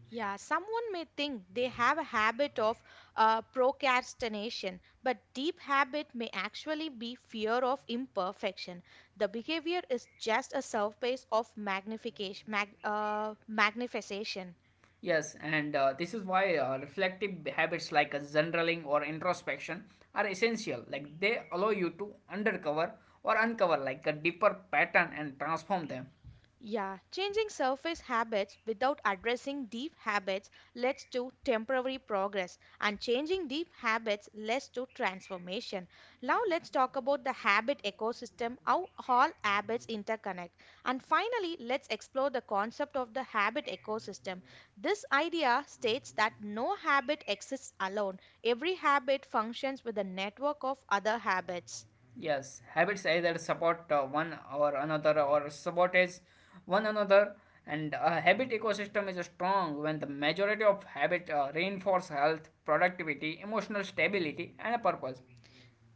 Speaker 1: Yeah, someone may think they have a habit of procrastination, but deep habit may actually be fear of imperfection. The behavior is just a surface of magnification, magnification.
Speaker 2: Yes, and this is why reflective habits like journaling or introspection are essential. Like they allow you to undercover or uncover like a deeper pattern and transform them.
Speaker 1: Yeah, changing surface habits without addressing deep habits leads to temporary progress, and changing deep habits leads to transformation. Now, let's talk about the habit ecosystem, how all habits interconnect. And finally, let's explore the concept of the habit ecosystem. This idea states that no habit exists alone, every habit functions with a network of other habits.
Speaker 2: Yes, habits either support one or another or sabotage one another. And a habit ecosystem is strong when the majority of habit reinforce health, productivity, emotional stability, and a purpose.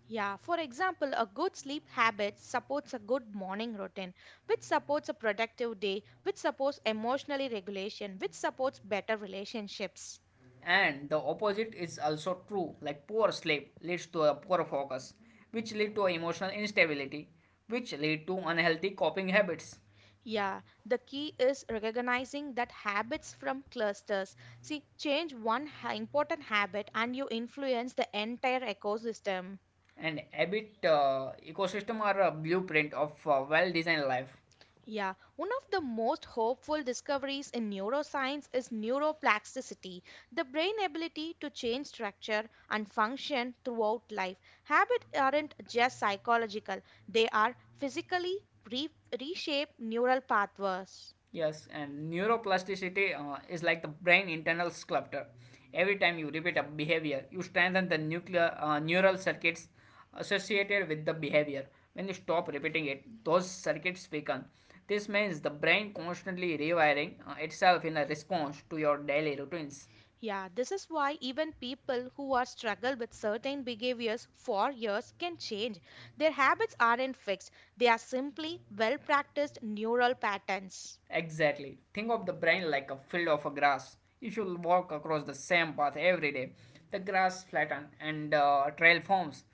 Speaker 1: Yeah, for example, a good sleep habit supports a good morning routine, which supports a productive day, which supports emotionally regulation, which supports better relationships.
Speaker 2: And the opposite is also true, like poor sleep leads to a poor focus, which lead to emotional instability, which lead to unhealthy coping habits.
Speaker 1: Yeah, the key is recognizing that habits from clusters. See, change one important habit and you influence the entire ecosystem.
Speaker 2: And habit ecosystem are a blueprint of a well-designed life.
Speaker 1: Yeah, one of the most hopeful discoveries in neuroscience is neuroplasticity, the brain ability to change structure and function throughout life. Habits aren't just psychological, they are physically re- reshape neural pathways.
Speaker 2: Yes, and neuroplasticity is like the brain internal sculptor. Every time you repeat a behavior, you strengthen the nuclear neural circuits associated with the behavior. When you stop repeating it, those circuits weaken. This means the brain constantly rewiring itself in a response to your daily routines.
Speaker 1: Yeah, this is why even people who are struggle with certain behaviors for years can change. Their habits aren't fixed, they are simply well practiced neural patterns.
Speaker 2: Exactly. Think of the brain like a field of a grass. If you walk across the same path every day, the grass flattens and trail forms,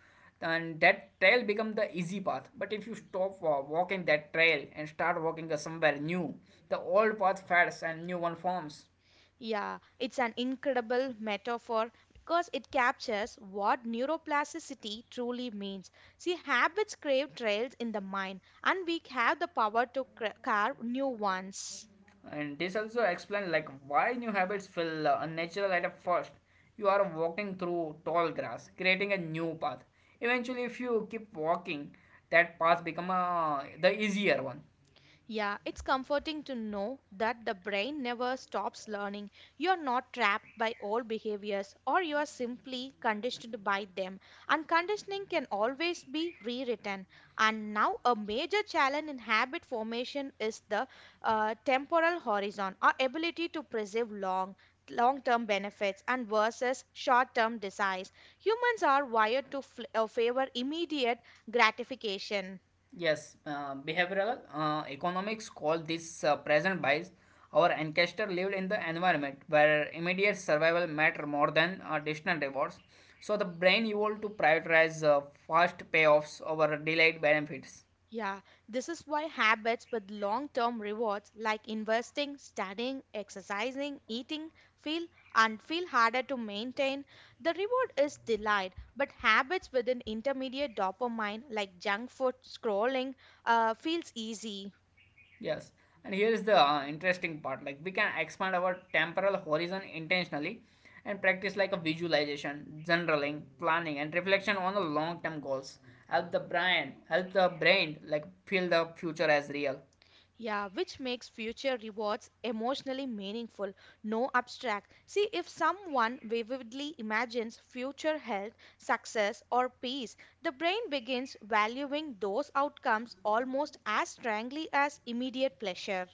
Speaker 2: and that trail becomes the easy path. But if you stop walking that trail and start walking somewhere new, the old path fades and new one forms.
Speaker 1: Yeah, it's an incredible metaphor because it captures what neuroplasticity truly means. See, habits crave trails in the mind, and we have the power to carve new ones.
Speaker 2: And this also explains like why new habits feel unnatural at first. You are walking through tall grass, creating a new path. Eventually, if you keep walking, that path become the easier one.
Speaker 1: Yeah, it's comforting to know that the brain never stops learning. You're not trapped by old behaviors or you are simply conditioned by them. And conditioning can always be rewritten. And now, a major challenge in habit formation is the temporal horizon, our ability to preserve long-term benefits and versus short-term desires. Humans are wired to favor immediate gratification.
Speaker 2: Yes, behavioral economics call this present bias. Our ancestor lived in the environment where immediate survival mattered more than distant rewards. So the brain evolved to prioritize fast payoffs over delayed benefits.
Speaker 1: Yeah, this is why habits with long term rewards like investing, studying, exercising, eating feel feel harder to maintain. The reward is delayed, but habits with an intermediate dopamine like junk food scrolling feels easy.
Speaker 2: Yes, and here is the interesting part like we can expand our temporal horizon intentionally and practice like a visualization, journaling, planning, and reflection on the long term goals. Help the brain like feel the future as real.
Speaker 1: Yeah, which makes future rewards emotionally meaningful, no abstract. See, if someone vividly imagines future health, success, or peace, the brain begins valuing those outcomes almost as strongly as immediate pleasure.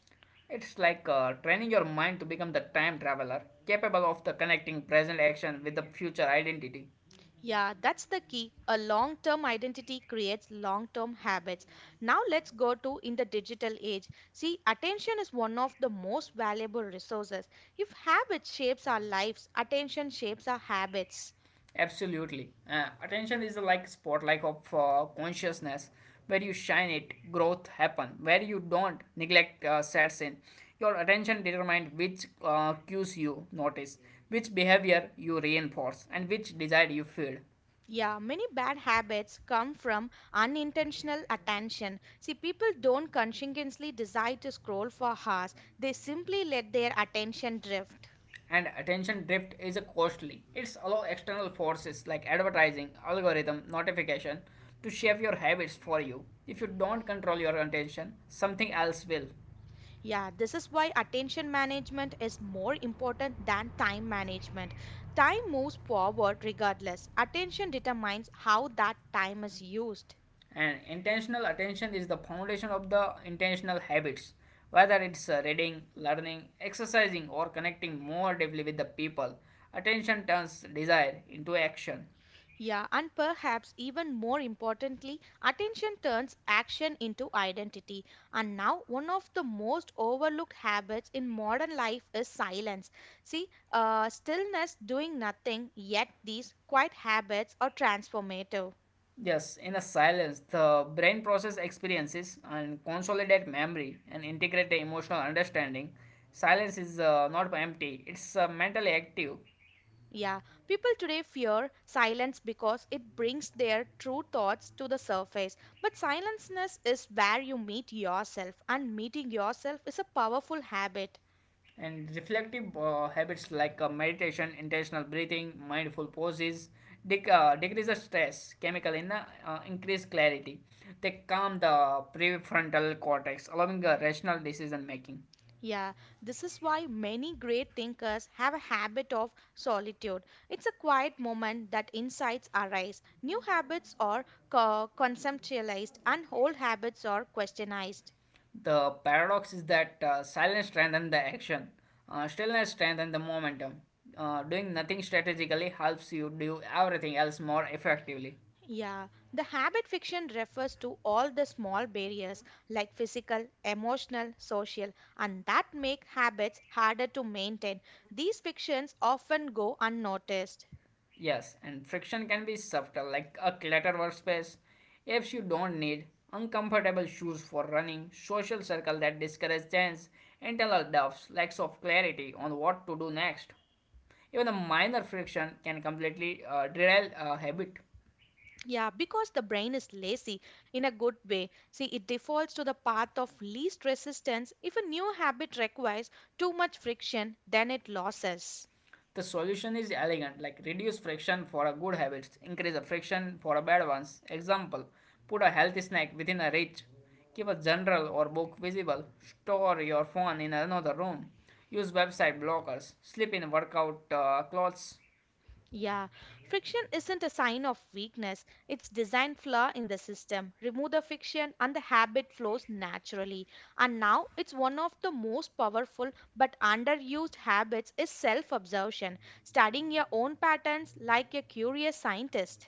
Speaker 2: It's like training your mind to become the time traveler, capable of the connecting present action with the future identity.
Speaker 1: Yeah, that's the key. A long term identity creates long term habits. Now, let's go to in the digital age. See, attention is one of the most valuable resources. If habits shapes our lives, attention shapes our habits.
Speaker 2: Absolutely. Attention is like spotlight of consciousness. Where you shine it, growth happen. Where you don't, neglect sets in. Your attention determines which cues you notice, which behavior you reinforce, and which desire you feed.
Speaker 1: Yeah, many bad habits come from unintentional attention. See, people don't conscientiously decide to scroll for hours, they simply let their attention drift.
Speaker 2: And attention drift is a costly. It's allow external forces like advertising, algorithm, notification to shape your habits for you. If you don't control your attention, something else will.
Speaker 1: Yeah, this is why attention management is more important than time management. Time moves forward regardless. Attention determines how that time is used.
Speaker 2: And intentional attention is the foundation of the intentional habits, whether it's reading, learning, exercising, or connecting more deeply with the people. Attention turns desire into action.
Speaker 1: Yeah, and perhaps even more importantly, attention turns action into identity. And now, one of the most overlooked habits in modern life is silence. See, stillness, doing nothing, yet these quiet habits are transformative.
Speaker 2: Yes, in the silence, the brain process experiences and consolidate memory and integrate the emotional understanding. Silence is not empty; it's mentally active.
Speaker 1: Yeah, people today fear silence because it brings their true thoughts to the surface. But silenceness is where you meet yourself, and meeting yourself is a powerful habit.
Speaker 2: And reflective habits like meditation, intentional breathing, mindful poses decrease the stress chemical in the increase clarity. They calm the prefrontal cortex, allowing rational decision making.
Speaker 1: Yeah, this is why many great thinkers have a habit of solitude. It's a quiet moment that insights arise. New habits are conceptualized, and old habits are questionized.
Speaker 2: The paradox is that silence strengthens the action, stillness strengthens the momentum. Doing nothing strategically helps you do everything else more effectively.
Speaker 1: Yeah, the habit fiction refers to all the small barriers like physical, emotional, social, and that make habits harder to maintain. These fictions often go unnoticed.
Speaker 2: Yes, and friction can be subtle, like a cluttered workspace, apes you don't need, uncomfortable shoes for running, social circle that discourage change, internal doubts, lacks of clarity on what to do next. Even a minor friction can completely derail a habit.
Speaker 1: Yeah, because the brain is lazy in a good way. See, it defaults to the path of least resistance. If a new habit requires too much friction, then it loses.
Speaker 2: The solution is elegant, like reduce friction for a good habit, increase the friction for a bad ones. Example, put a healthy snack within a reach, keep a journal or book visible, store your phone in another room, use website blockers, sleep in workout clothes.
Speaker 1: Yeah, friction isn't a sign of weakness, it's design flaw in the system. Remove the friction and the habit flows naturally. And now it's one of the most powerful but underused habits is self-observation, studying your own patterns like a curious scientist.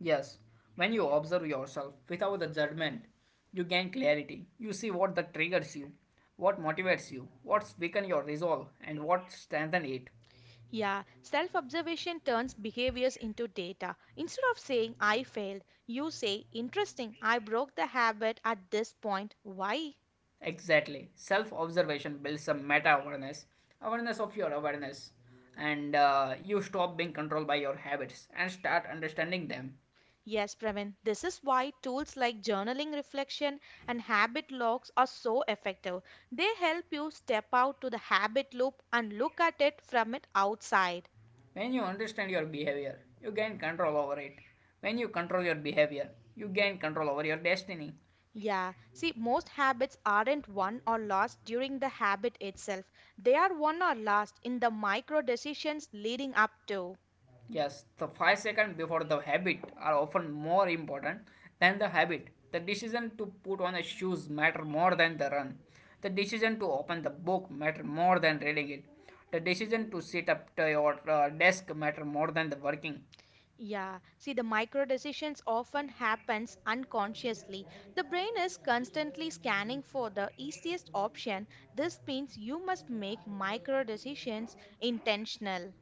Speaker 2: Yes, when you observe yourself without the judgment, you gain clarity. You see what that triggers you, what motivates you, what weaken your resolve, and what strengthen it.
Speaker 1: Yeah, self observation turns behaviors into data. Instead of saying, I failed, you say, interesting, I broke the habit at this point. Why?
Speaker 2: Exactly. Self observation builds a meta awareness, awareness of your awareness, and you stop being controlled by your habits and start understanding them.
Speaker 1: Yes, Pravin, this is why tools like journaling reflection and habit logs are so effective. They help you step out to the habit loop and look at it from it outside.
Speaker 2: When you understand your behavior, you gain control over it. When you control your behavior, you gain control over your destiny.
Speaker 1: Yeah, see, most habits aren't won or lost during the habit itself. They are won or lost in the micro decisions leading up to.
Speaker 2: Yes, the 5 seconds before the habit are often more important than the habit. The decision to put on the shoes matter more than the run. The decision to open the book matter more than reading it. The decision to sit up to your desk matter more than the working.
Speaker 1: Yeah, see the micro decisions often happens unconsciously. The brain is constantly scanning for the easiest option. This means you must make micro decisions intentional.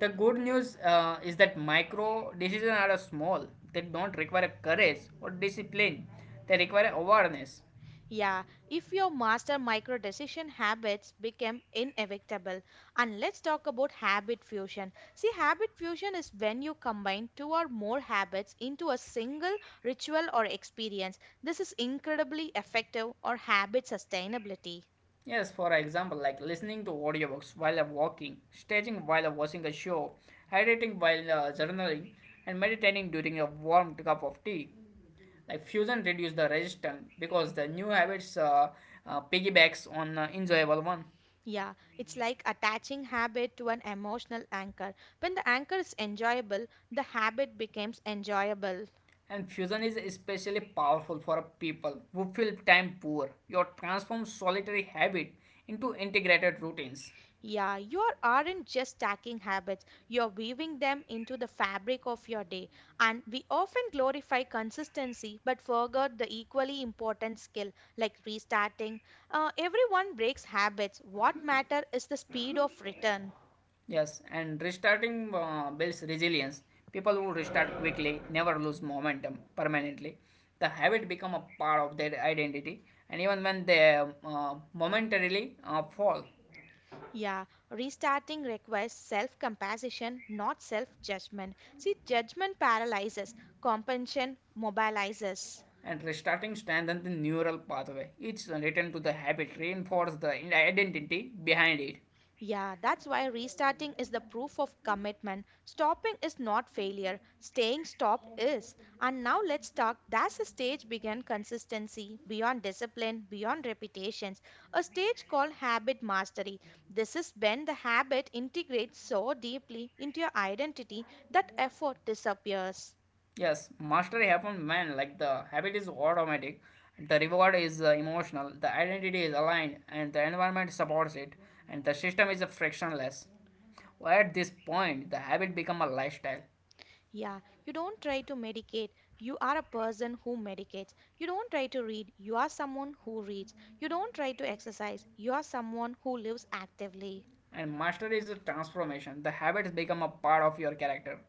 Speaker 2: The good news is that micro decisions are small. They don't require courage or discipline. They require awareness.
Speaker 1: Yeah, if your master micro decision habits become inevitable. And let's talk about habit fusion. See, habit fusion is when you combine two or more habits into a single ritual or experience. This is incredibly effective or habit sustainability.
Speaker 2: Yes, for example, like listening to audiobooks while I'm walking, staging while I'm watching a show, hydrating while journaling, and meditating during a warm cup of tea. Like fusion reduce the resistance because the new habits piggybacks on enjoyable one.
Speaker 1: Yeah, it's like attaching habit to an emotional anchor. When the anchor is enjoyable, the habit becomes enjoyable.
Speaker 2: And fusion is especially powerful for people who feel time poor. You transform solitary habit into integrated routines.
Speaker 1: Yeah, aren't just stacking habits, you're weaving them into the fabric of your day. And we often glorify consistency but forget the equally important skill like restarting. Everyone breaks habits. What matter is the speed of return.
Speaker 2: Yes, and restarting builds resilience. People who restart quickly never lose momentum permanently. The habit become a part of their identity, and even when they momentarily fall,
Speaker 1: Yeah, restarting requires self compassion, not self judgment. See, judgment paralyzes, compassion mobilizes.
Speaker 2: and restarting strengthens the neural pathway. Each return to the habit reinforces the identity behind it.
Speaker 1: Yeah, that's why restarting is the proof of commitment. Stopping is not failure, staying stopped is. And now let's talk. That's a stage beyond consistency, beyond discipline, beyond repetitions, a stage called habit mastery. This is when the habit integrates so deeply into your identity that effort disappears.
Speaker 2: Yes, mastery happens when like the habit is automatic, the reward is emotional, the identity is aligned, and the environment supports it, and the system is frictionless. Well, at this point, the habit become a lifestyle,
Speaker 1: Yeah, you don't try to medicate. You are a person who medicates. You don't try to read. You are someone who reads. You don't try to exercise. You are someone who lives actively.
Speaker 2: and mastery is a transformation. The habits become a part of your character.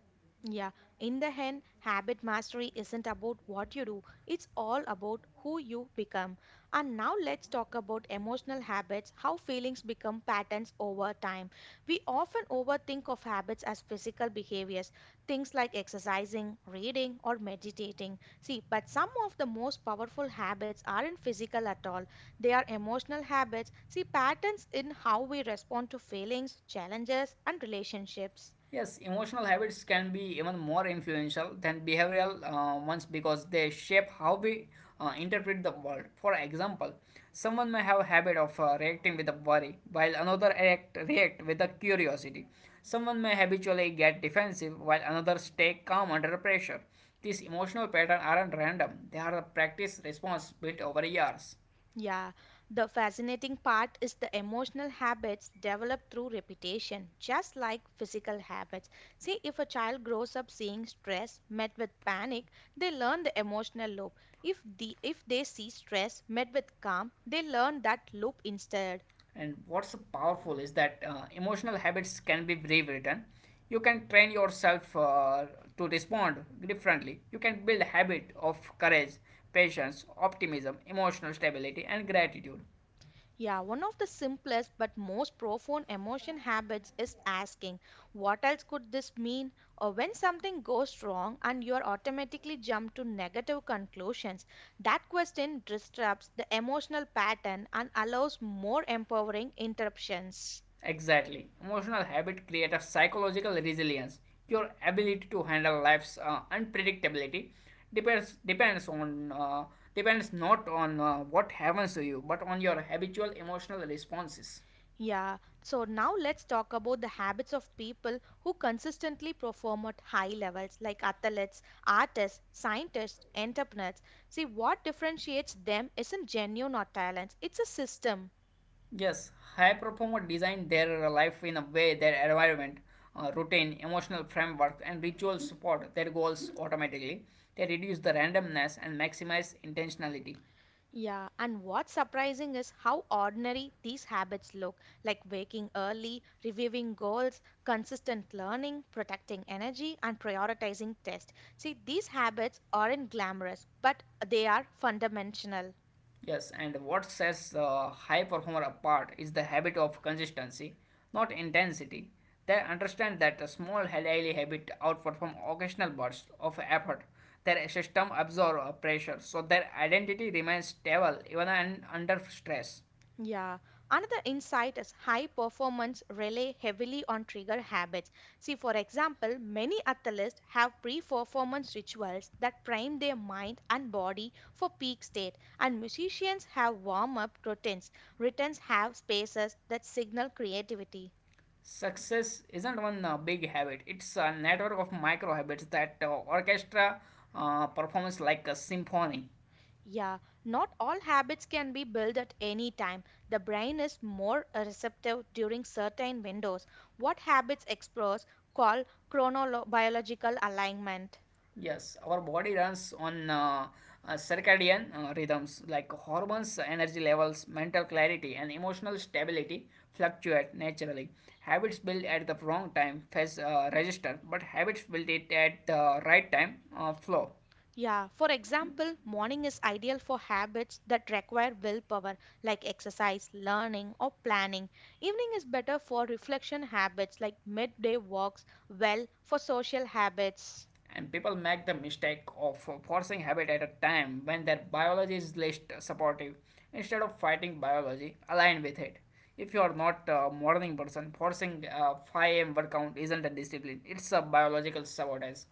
Speaker 1: Yeah, in the end, habit mastery isn't about what you do, it's all about who you become. And now let's talk about emotional habits, how feelings become patterns over time. We often overthink of habits as physical behaviors, things like exercising, reading, or meditating. See, but some of the most powerful habits aren't physical at all, they are emotional habits. See, patterns in how we respond to feelings, challenges, and relationships.
Speaker 2: Yes, emotional habits can be even more influential than behavioral ones because they shape how we interpret the world. For example, someone may have a habit of reacting with a worry, while another act react with a curiosity. Someone may habitually get defensive, while another stay calm under pressure. These emotional patterns aren't random; they are a practice response built over years.
Speaker 1: Yeah, the fascinating part is the emotional habits developed through repetition, just like physical habits. See, if a child grows up seeing stress met with panic, they learn the emotional loop. If they see stress met with calm, they learn that loop instead.
Speaker 2: And what's powerful is that emotional habits can be rewritten. You can train yourself to respond differently. You can build habit of courage, patience, optimism, emotional stability, and gratitude.
Speaker 1: Yeah, one of the simplest but most profound emotion habits is asking, what else could this mean? Or when something goes wrong and you are automatically jump to negative conclusions, that question disrupts the emotional pattern and allows more empowering interruptions.
Speaker 2: Exactly. Emotional habit create a psychological resilience. Your ability to handle life's unpredictability depends on depends not on what happens to you, but on your habitual emotional responses.
Speaker 1: Yeah, so now let's talk about the habits of people who consistently perform at high levels, like athletes, artists, scientists, entrepreneurs. See, what differentiates them isn't genuine or talents, it's a system.
Speaker 2: Yes, high performers design their life in a way their environment, routine, emotional framework, and rituals support their goals automatically. They reduce the randomness and maximize intentionality.
Speaker 1: Yeah, and what's surprising is how ordinary these habits look, like waking early, reviewing goals, consistent learning, protecting energy, and prioritizing tests. See, these habits aren't glamorous, but they are fundamental.
Speaker 2: Yes, and what sets the high performer apart is the habit of consistency, not intensity. They understand that a small daily habit outperform occasional bursts of effort. Their system absorbs pressure, so their identity remains stable even under stress.
Speaker 1: Yeah. Another insight is high performance rely heavily on trigger habits. See, for example, many athletes have pre performance rituals that prime their mind and body for peak state, and musicians have warm up routines. Routines have spaces that signal creativity.
Speaker 2: Success isn't one big habit, it's a network of micro habits that orchestra performs like a symphony.
Speaker 1: Yeah, not all habits can be built at any time. The brain is more receptive during certain windows. What habits explores called chronobiological alignment.
Speaker 2: Yes, our body runs on circadian rhythms like hormones, energy levels, mental clarity, and emotional stability fluctuate naturally. Habits built at the wrong time face register, but habits built it at the right time flow.
Speaker 1: Yeah, for example, morning is ideal for habits that require willpower, like exercise, learning, or planning. Evening is better for reflection habits, like midday walks, well, for social habits.
Speaker 2: And people make the mistake of forcing habit at a time when their biology is least supportive, instead of fighting biology align with it. If you are not a morning person, forcing a 5 a.m. workout isn't a discipline, it's a biological sabotage.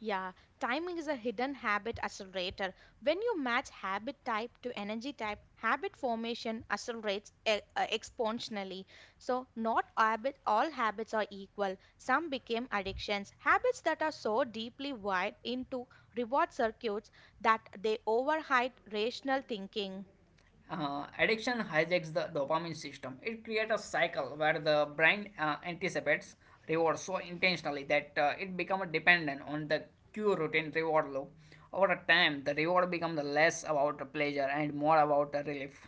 Speaker 1: Yeah, timing is a hidden habit accelerator. When you match habit type to energy type, habit formation accelerates exponentially. So, not habit, all habits are equal. Some became addictions. Habits that are so deeply wired into reward circuits that they override rational thinking.
Speaker 2: Addiction hijacks the dopamine system. It creates a cycle where the brain anticipates reward so intentionally that it becomes dependent on the cue routine reward loop. Over time, the reward becomes less about the pleasure and more about the relief.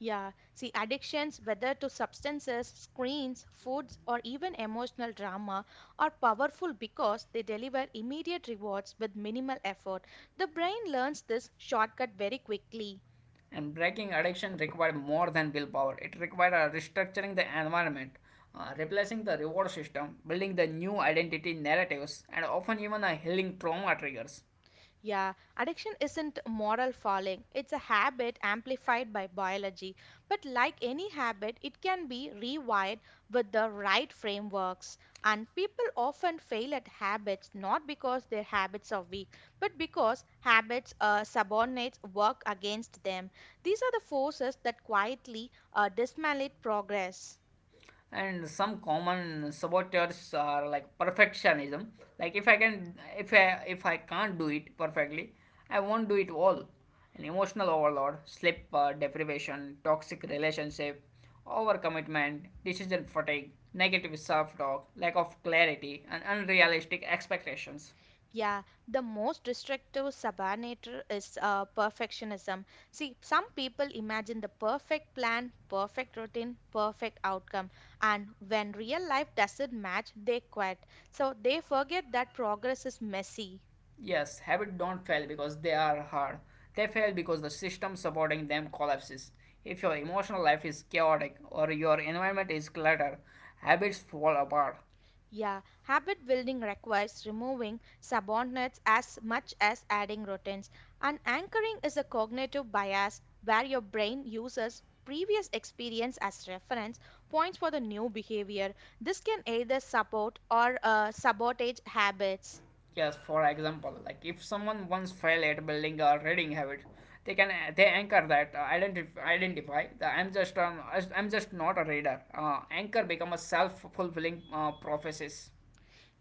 Speaker 1: Yeah, see, addictions, whether to substances, screens, foods, or even emotional drama, are powerful because they deliver immediate rewards with minimal effort. The brain learns this shortcut very quickly.
Speaker 2: And breaking addiction requires more than willpower. It requires restructuring the environment, replacing the reward system, building the new identity narratives, and often even a healing trauma triggers.
Speaker 1: Yeah, addiction isn't moral falling. It's a habit amplified by biology. But like any habit, it can be rewired with the right frameworks. And people often fail at habits not because their habits are weak, but because habits subordinates work against them. These are the forces that quietly dismantle progress.
Speaker 2: And some common saboteurs are like perfectionism, like if I can't do it perfectly I won't do it all, an emotional overload, sleep deprivation, toxic relationship, overcommitment, decision fatigue, negative self-talk, lack of clarity, and unrealistic expectations.
Speaker 1: Yeah, the most restrictive subanator is perfectionism. See, some people imagine the perfect plan, perfect routine, perfect outcome, and when real life doesn't match, they quit. So they forget that progress is messy.
Speaker 2: Yes, habits don't fail because they are hard. They fail because the system supporting them collapses. If your emotional life is chaotic or your environment is cluttered, habits fall apart.
Speaker 1: Yeah, habit building requires removing subordinates as much as adding routines. And anchoring is a cognitive bias where your brain uses previous experience as reference points for the new behavior. This can either support or sabotage habits.
Speaker 2: Yes, for example, like if someone once failed at building a reading habit, they can they anchor that identify that I'm just not a reader. Anchor become a self fulfilling prophecies.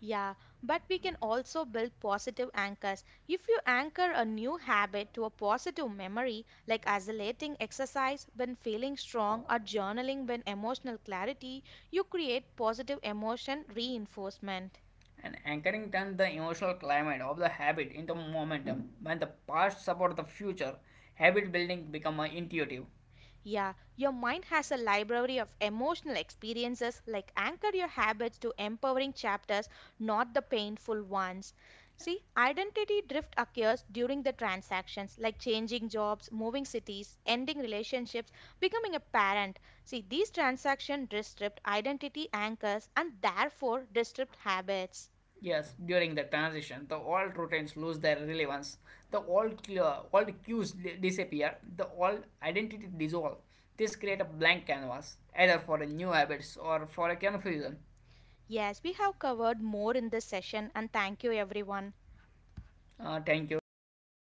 Speaker 1: Yeah, but we can also build positive anchors. If you anchor a new habit to a positive memory, like isolating exercise when feeling strong or journaling when emotional clarity, you create positive emotion reinforcement.
Speaker 2: And anchoring then the emotional climate of the habit into momentum, when the past supports the future habit building becomes intuitive.
Speaker 1: Yeah, your mind has a library of emotional experiences, like anchor your habits to empowering chapters, not the painful ones. See, identity drift occurs during the transactions, like changing jobs, moving cities, ending relationships, becoming a parent. See, these transactions disrupt identity anchors and therefore disrupt habits.
Speaker 2: Yes, during the transition the old routines lose their relevance, the old cues disappear, the old identity dissolve. This creates a blank canvas either for a new habits or for a confusion.
Speaker 1: Yes, we have covered more in this session, and thank you, everyone.
Speaker 2: Thank you with